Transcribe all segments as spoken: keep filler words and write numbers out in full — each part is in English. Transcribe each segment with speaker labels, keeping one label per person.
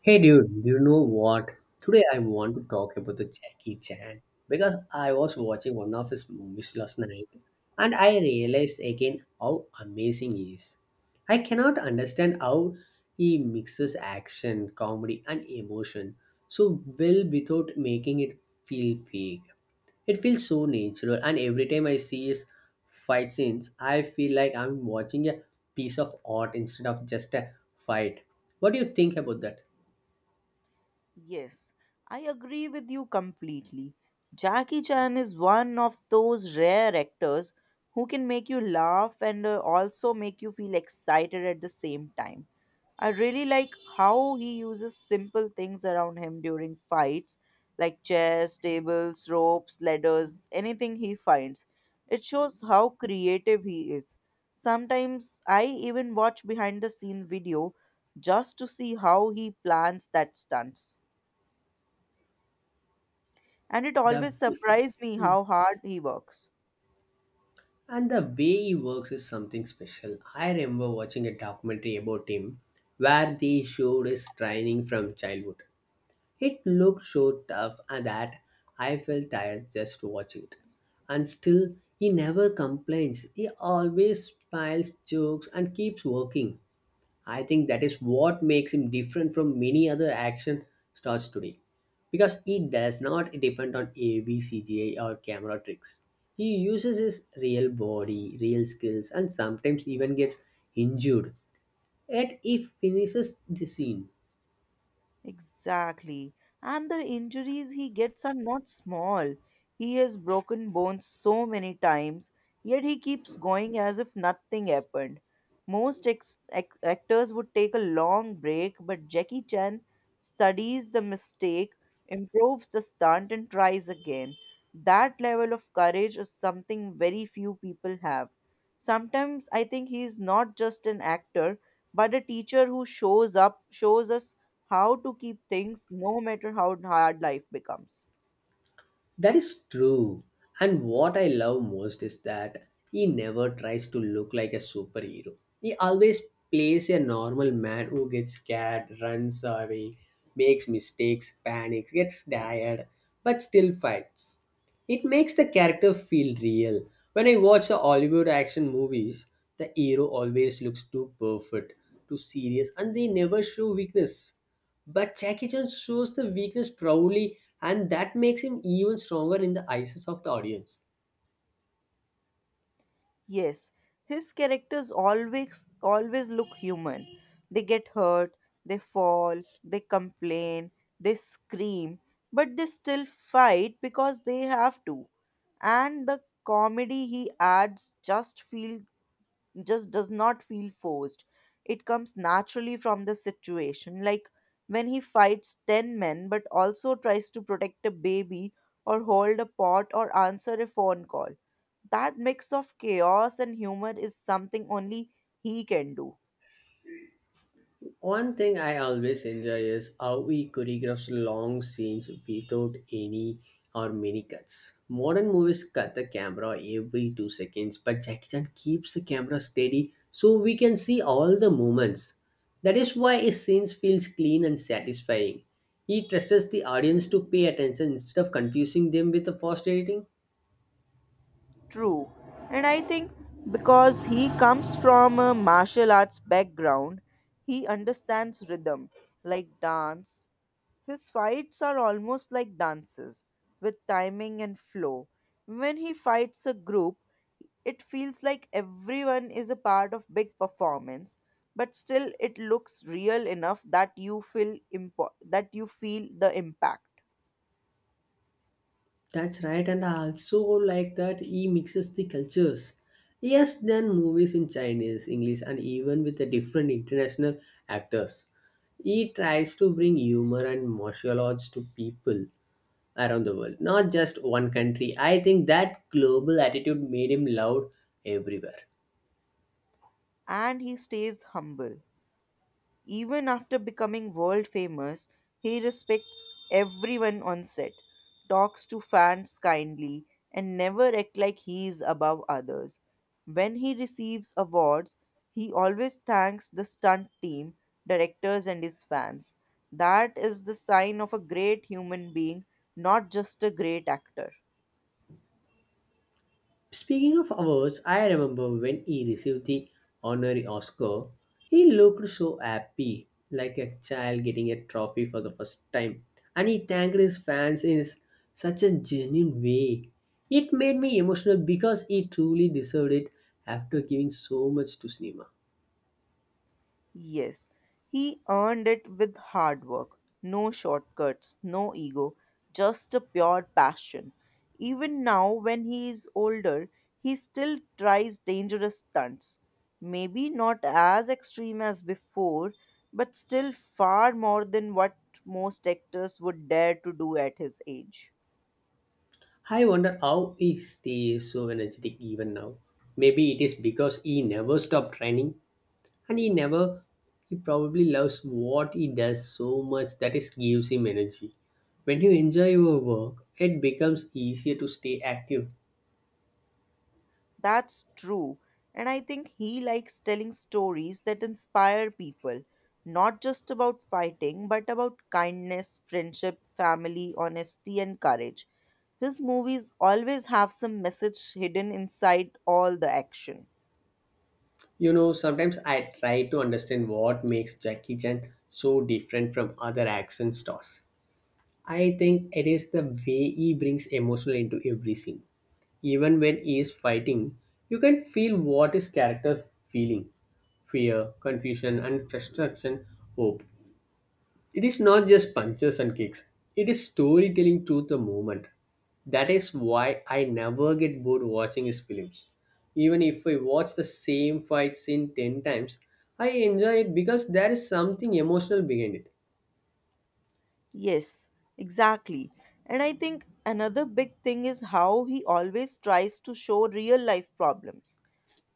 Speaker 1: Hey dude, do you know what? Today I want to talk about the Jackie Chan because I was watching one of his movies last night and I realized again how amazing he is. I cannot understand how he mixes action, comedy and emotion so well without making it feel fake. It feels so natural and every time I see his fight scenes, I feel like I'm watching a piece of art instead of just a fight. What do you think about that?
Speaker 2: Yes, I agree with you completely. Jackie Chan is one of those rare actors who can make you laugh and uh, also make you feel excited at the same time. I really like how he uses simple things around him during fights, like chairs, tables, ropes, ladders, anything he finds. It shows how creative he is. Sometimes I even watch behind the scenes video just to see how he plans that stunts. And it
Speaker 1: The
Speaker 2: always
Speaker 1: way-
Speaker 2: surprised me
Speaker 1: Mm.
Speaker 2: how hard he works.
Speaker 1: and the way he works is something special. I remember watching a documentary about him where they showed his training from childhood. It looked so tough and that I felt tired just watching it. And still he never complains. He always smiles, jokes and keeps working. I think that is what makes him different from many other action stars today because he does not depend on A V, or camera tricks. He uses his real body, real skills, and sometimes even gets injured. Yet he finishes the scene.
Speaker 2: Exactly. And the injuries he gets are not small. He has broken bones so many times, yet he keeps going as if nothing happened. Most ex- ac- actors would take a long break, but Jackie Chan studies the mistake, improves the stunt, and tries again. That level of courage is something very few people have. Sometimes I think he is not just an actor, but a teacher who shows up, shows us how to keep things no matter how hard life becomes.
Speaker 1: That is true. And what I love most is that he never tries to look like a superhero. He always plays a normal man who gets scared, runs away, makes mistakes, panics, gets tired, but still fights. It makes the character feel real. When I watch the Hollywood action movies, the hero always looks too perfect, too serious, and they never show weakness. But Jackie Chan shows the weakness proudly, and that makes him even stronger in the eyes of the audience.
Speaker 2: Yes, his characters always always look human. They get hurt, they fall, they complain, they scream, but they still fight because they have to. And the comedy he adds just feel just does not feel forced. It comes naturally from the situation, like when he fights ten men but also tries to protect a baby or hold a pot or answer a phone call. That mix of chaos and humor is something only he can do.
Speaker 1: One thing I always enjoy is how he choreographs long scenes without any or many cuts. Modern movies cut the camera every two seconds, but Jackie Chan keeps the camera steady so we can see all the movements. That is why his scenes feels clean and satisfying. He trusts the audience to pay attention instead of confusing them with the fast editing.
Speaker 2: True. And I think because he comes from a martial arts background, he understands rhythm like dance. His fights are almost like dances with timing and flow. When he fights a group, it feels like everyone is a part of big performance, but still it looks real enough that you feel impo- that you feel the impact.
Speaker 1: That's right, and I also like that he mixes the cultures. He has done movies in Chinese, English, and even with the different international actors. He tries to bring humor and martial arts to people around the world, not just one country. I think that global attitude made him loved everywhere.
Speaker 2: And he stays humble. Even after becoming world famous, he respects everyone on set, talks to fans kindly, and never act like he is above others. When he receives awards, he always thanks the stunt team, directors, and his fans. That is the sign of a great human being, not just a great actor.
Speaker 1: Speaking of awards, I remember when he received the honorary Oscar, he looked so happy, like a child getting a trophy for the first time. And he thanked his fans in s- such a genuine way. It made me emotional because he truly deserved it after giving so much to cinema.
Speaker 2: Yes, he earned it with hard work, no shortcuts, no ego, just a pure passion. Even now, when he is older, he still tries dangerous stunts. Maybe not as extreme as before, but still far more than what most actors would dare to do at his age.
Speaker 1: I wonder how he stays so energetic even now. Maybe it is because he never stopped training, and he never he probably loves what he does so much that it gives him energy. When you enjoy your work, it becomes easier to stay active.
Speaker 2: That's true. And I think he likes telling stories that inspire people, not just about fighting, but about kindness, friendship, family, honesty, and courage. His movies always have some message hidden inside all the action.
Speaker 1: You know sometimes I try to understand what makes Jackie Chan so different from other action stars. I think it is the way he brings emotional into every scene. Even when he is fighting, you can feel what his character feeling: fear, confusion and frustration, hope. It is not just punches and kicks, it is storytelling through the movement. That is why I never get bored watching his films. Even if I watch the same fight scene ten times, I enjoy it because there is something emotional behind it.
Speaker 2: Yes, exactly. And I think another big thing is how he always tries to show real life problems.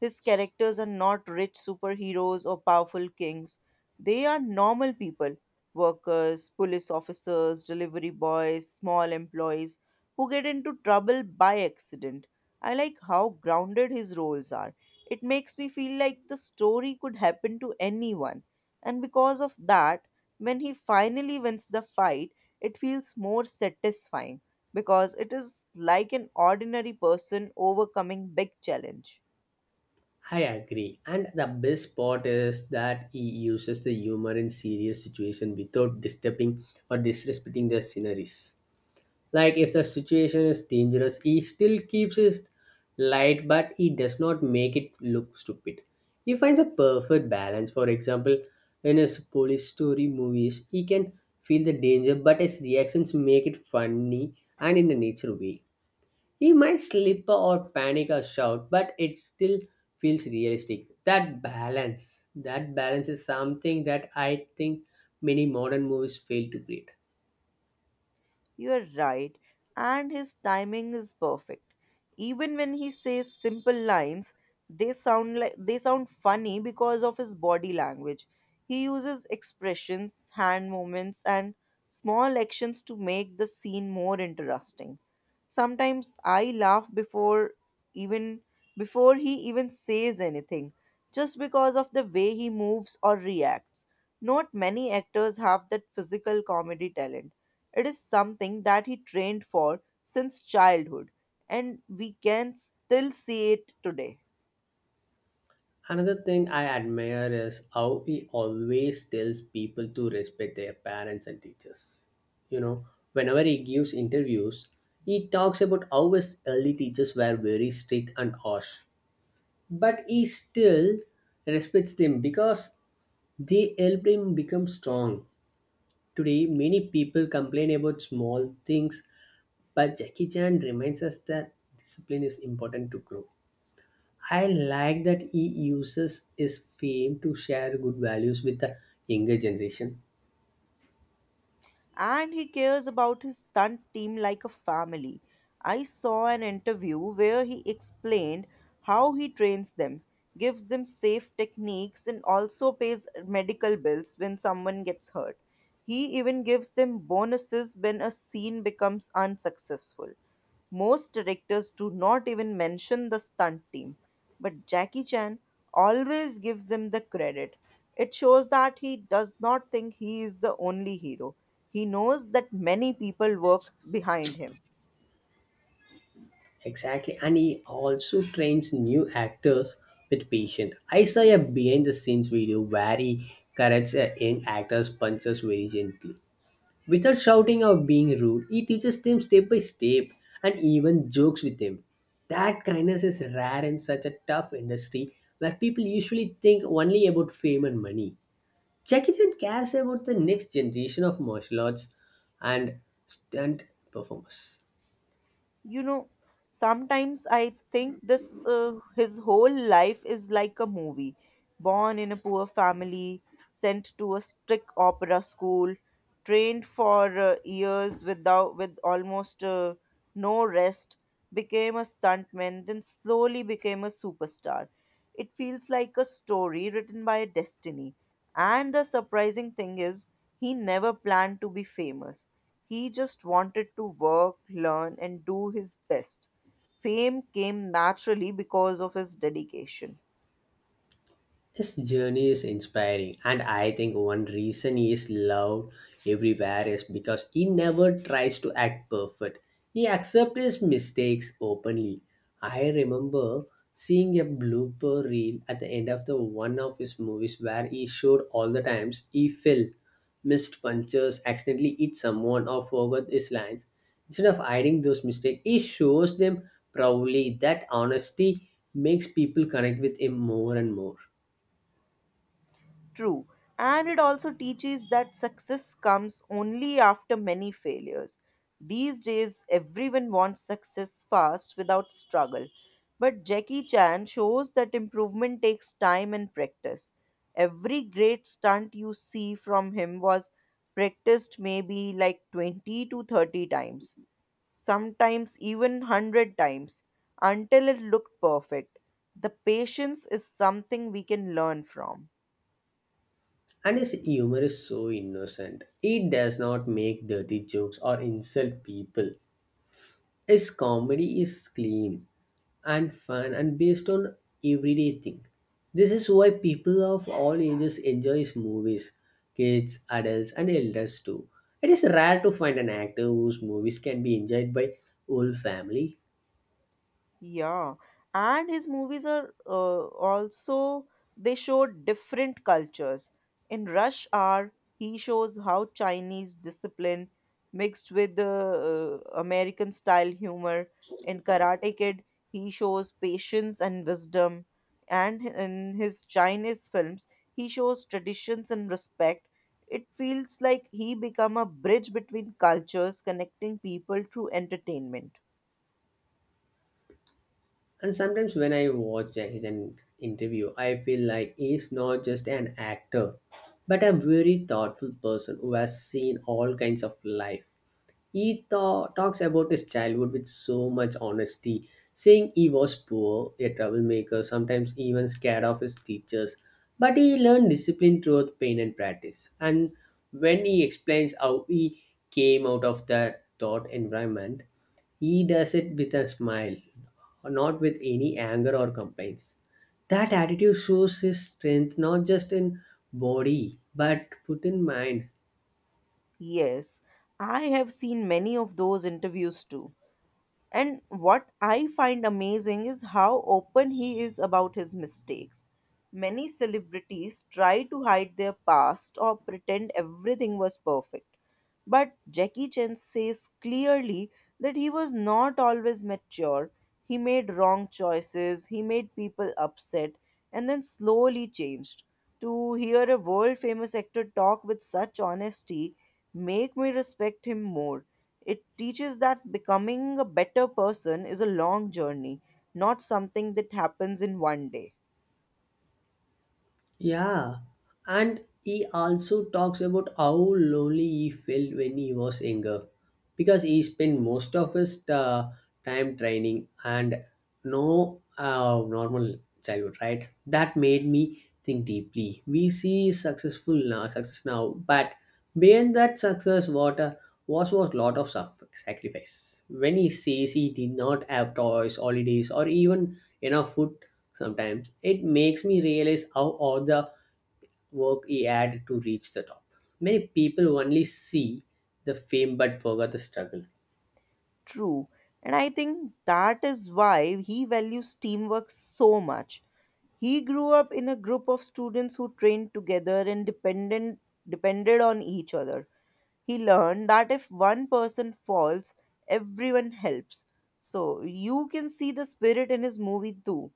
Speaker 2: His characters are not rich superheroes or powerful kings. They are normal people, workers, police officers, delivery boys, small employees who get into trouble by accident. I like how grounded his roles are. It makes me feel like the story could happen to anyone. And because of that, when he finally wins the fight, it feels more satisfying because it is like an ordinary person overcoming big challenge.
Speaker 1: I agree. And the best part is that he uses the humor in serious situations without disturbing or disrespecting the sceneries. Like if the situation is dangerous, he still keeps his light but he does not make it look stupid. He finds a perfect balance. For example, in his police story movies he can feel the danger but his reactions make it funny and in a natural way. He might slip or panic or shout but it still feels realistic. That balance that balance is something that I think many modern movies fail to create.
Speaker 2: You're right, and his timing is perfect. Even when he says simple lines, they sound like they sound funny because of his body language. He uses expressions, hand movements, and small actions to make the scene more interesting. Sometimes I laugh before even before he even says anything, just because of the way he moves or reacts. Not many actors have that physical comedy talent. It is something that he trained for since childhood, and we can still see it today.
Speaker 1: Another thing I admire is how he always tells people to respect their parents and teachers. You know, whenever he gives interviews, he talks about how his early teachers were very strict and harsh, but he still respects them because they helped him become strong. Today, many people complain about small things, but Jackie Chan reminds us that discipline is important to grow. I like that he uses his fame to share good values with the younger generation.
Speaker 2: And he cares about his stunt team like a family. I saw an interview where he explained how he trains them, gives them safe techniques, and also pays medical bills when someone gets hurt. He even gives them bonuses when a scene becomes unsuccessful. Most directors do not even mention the stunt team, but Jackie Chan always gives them the credit. It shows that he does not think he is the only hero. He knows that many people work behind him.
Speaker 1: Exactly. And he also trains new actors with patience. I saw a behind the scenes video where he corrects a young actor's punches very gently. Without shouting or being rude, he teaches them step by step and even jokes with them. That kindness is rare in such a tough industry where people usually think only about fame and money. Jackie Chan cares about the next generation of martial arts and stunt performers.
Speaker 2: You know, sometimes I think this uh, his whole life is like a movie. Born in a poor family, sent to a strict opera school, trained for uh, years without with almost uh, no rest, became a stuntman, then slowly became a superstar. It feels like a story written by destiny. And the surprising thing is, he never planned to be famous. He just wanted to work, learn, and do his best. Fame came naturally because of his dedication.
Speaker 1: His journey is inspiring, and I think one reason he is loved everywhere is because he never tries to act perfect. He accepts his mistakes openly. I remember seeing a blooper reel at the end of the one of his movies where he showed all the times he fell, missed punches, accidentally hit someone, or forgot his lines. Instead of hiding those mistakes, he shows them proudly. That honesty makes people connect with him more and more.
Speaker 2: True. And it also teaches that success comes only after many failures. These days, everyone wants success fast without struggle. But Jackie Chan shows that improvement takes time and practice. Every great stunt you see from him was practiced maybe like twenty to thirty times, sometimes even one hundred times, until it looked perfect. The patience is something we can learn from.
Speaker 1: And his humor is so innocent. It does not make dirty jokes or insult people. His comedy is clean and fun and based on everyday thing. This is why people of all ages enjoy his movies. Kids, adults and elders too. It is rare to find an actor whose movies can be enjoyed by whole family.
Speaker 2: Yeah, and his movies are uh, also, they show different cultures. In Rush Hour, he shows how Chinese discipline mixed with the uh, American style humor. In Karate Kid, he shows patience and wisdom. And in his Chinese films, he shows traditions and respect. It feels like he become a bridge between cultures, connecting people through entertainment.
Speaker 1: And sometimes when I watch his interview, I feel like he's not just an actor, but a very thoughtful person who has seen all kinds of life. He tho- talks about his childhood with so much honesty, saying he was poor, a troublemaker, sometimes even scared of his teachers, but he learned discipline through pain and practice. And when he explains how he came out of that thought environment, he does it with a smile, not with any anger or complaints. That attitude shows his strength not just in body but put in mind.
Speaker 2: Yes, I have seen many of those interviews too. And what I find amazing is how open he is about his mistakes. Many celebrities try to hide their past or pretend everything was perfect. But Jackie Chan says clearly that he was not always mature. He made wrong choices, he made people upset, and then slowly changed. To hear a world famous actor talk with such honesty make me respect him more. It teaches that becoming a better person is a long journey, not something that happens in one day.
Speaker 1: Yeah, and he also talks about how lonely he felt when he was younger because he spent most of his uh, time training and no uh, normal childhood, right? That made me think deeply. We see successful now, success now, but beyond that success, what a was was lot of sac- sacrifice. When he says he did not have toys, holidays, or even enough food sometimes, it makes me realize how all the work he had to reach the top. Many people only see the fame but forget the struggle.
Speaker 2: True. And I think that is why he values teamwork so much. He grew up in a group of students who trained together and dependent, depended on each other. He learned that if one person falls, everyone helps. So you can see the spirit in his movie too.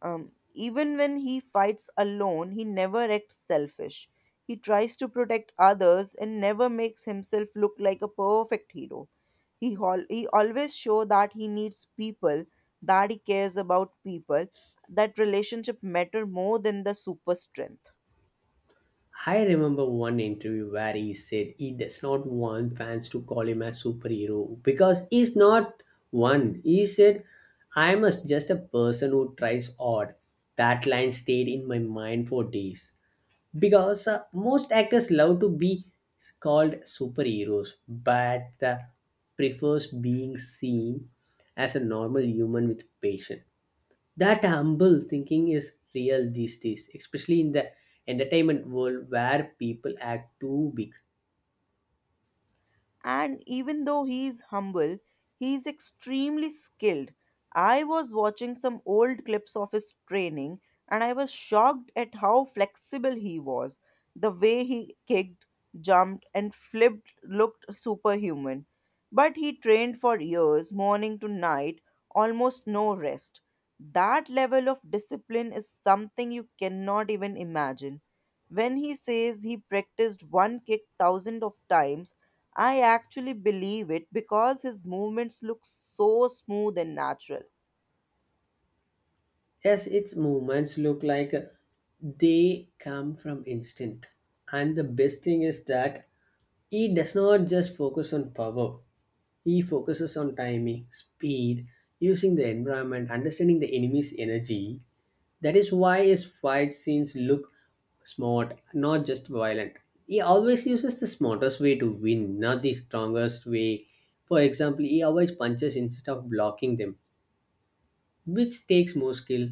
Speaker 2: Um, even when he fights alone, he never acts selfish. He tries to protect others and never makes himself look like a perfect hero. He, hol- he always shows that he needs people, that he cares about people, that relationship matter more than the super strength.
Speaker 1: I remember one interview where he said he does not want fans to call him a superhero because he's not one. He said, "I'm a, just a person who tries hard." That line stayed in my mind for days because uh, most actors love to be called superheroes, but uh, prefers being seen as a normal human with passion. That humble thinking is real these days, especially in the entertainment world where people act too big.
Speaker 2: And even though he is humble, he is extremely skilled. I was watching some old clips of his training and I was shocked at how flexible he was. The way he kicked, jumped, and flipped looked superhuman. But he trained for years, morning to night, almost no rest. That level of discipline is something you cannot even imagine. When he says he practiced one kick thousands of times, I actually believe it because his movements look so smooth and natural.
Speaker 1: Yes, its movements look like uh, they come from instinct. And the best thing is that he does not just focus on power. He focuses on timing, speed, using the environment, understanding the enemy's energy. That is why his fight scenes look smart, not just violent. He always uses the smartest way to win, not the strongest way. For example, he avoids punches instead of blocking them, which takes more skill.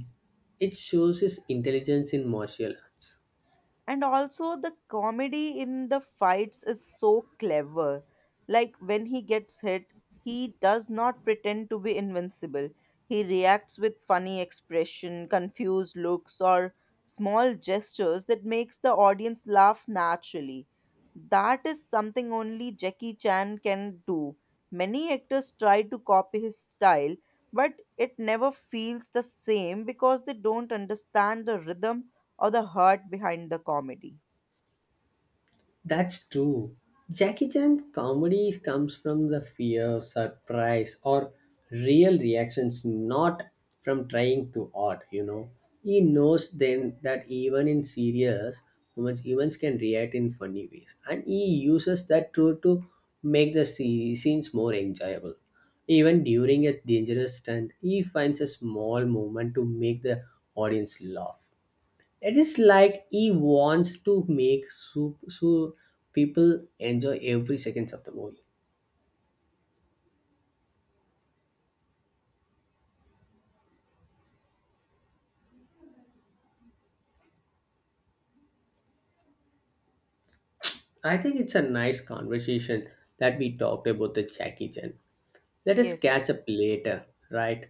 Speaker 1: It shows his intelligence in martial arts.
Speaker 2: And also the comedy in the fights is so clever, like when he gets hit, he does not pretend to be invincible. He reacts with funny expression, confused looks or small gestures that makes the audience laugh naturally. That is something only Jackie Chan can do. Many actors try to copy his style, but it never feels the same because they don't understand the rhythm or the heart behind the comedy.
Speaker 1: That's true. Jackie Chan comedy comes from the fear, surprise, or real reactions, not from trying to odd, you know. He knows then that even in serious moments, humans can react in funny ways. And he uses that truth to make the se- scenes more enjoyable. Even during a dangerous stunt, he finds a small moment to make the audience laugh. It is like he wants to make so, so people enjoy every seconds of the movie. I think it's a nice conversation that we talked about the Jackie Chan. Let us
Speaker 2: Yes,
Speaker 1: catch up later, right?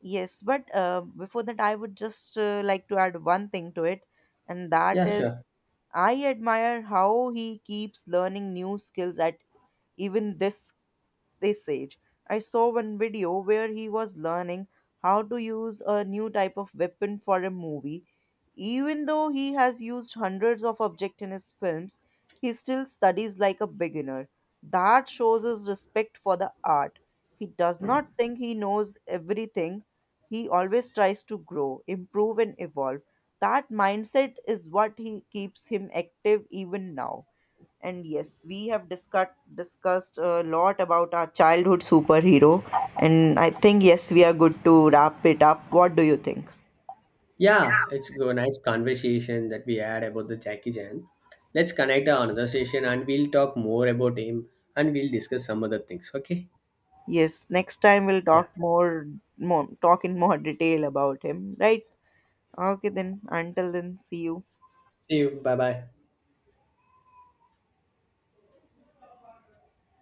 Speaker 2: yes. But uh, before that, I would just uh, like to add one thing to it, and that
Speaker 1: Yeah,
Speaker 2: is,
Speaker 1: sure.
Speaker 2: I admire how he keeps learning new skills at even this they said. I saw one video where he was learning how to use a new type of weapon for a movie. Even though he has used hundreds of objects in his films, he still studies like a beginner. That shows his respect for the art. He does not think he knows everything. He always tries to grow, improve, and evolve. That mindset is what he keeps him active even now. And yes, we have discussed discussed a lot about our childhood superhero, and I think yes, we are good to wrap it up. What do you think?
Speaker 1: Yeah, it's a nice conversation that we had about the Jackie Chan. Let's connect on another session and we'll talk more about him and we'll discuss some other things, okay?
Speaker 2: Yes, next time we'll
Speaker 1: Yeah.
Speaker 2: talk more, more talk in more detail about him, right? Okay then. Until then, see you.
Speaker 1: See you. Bye bye.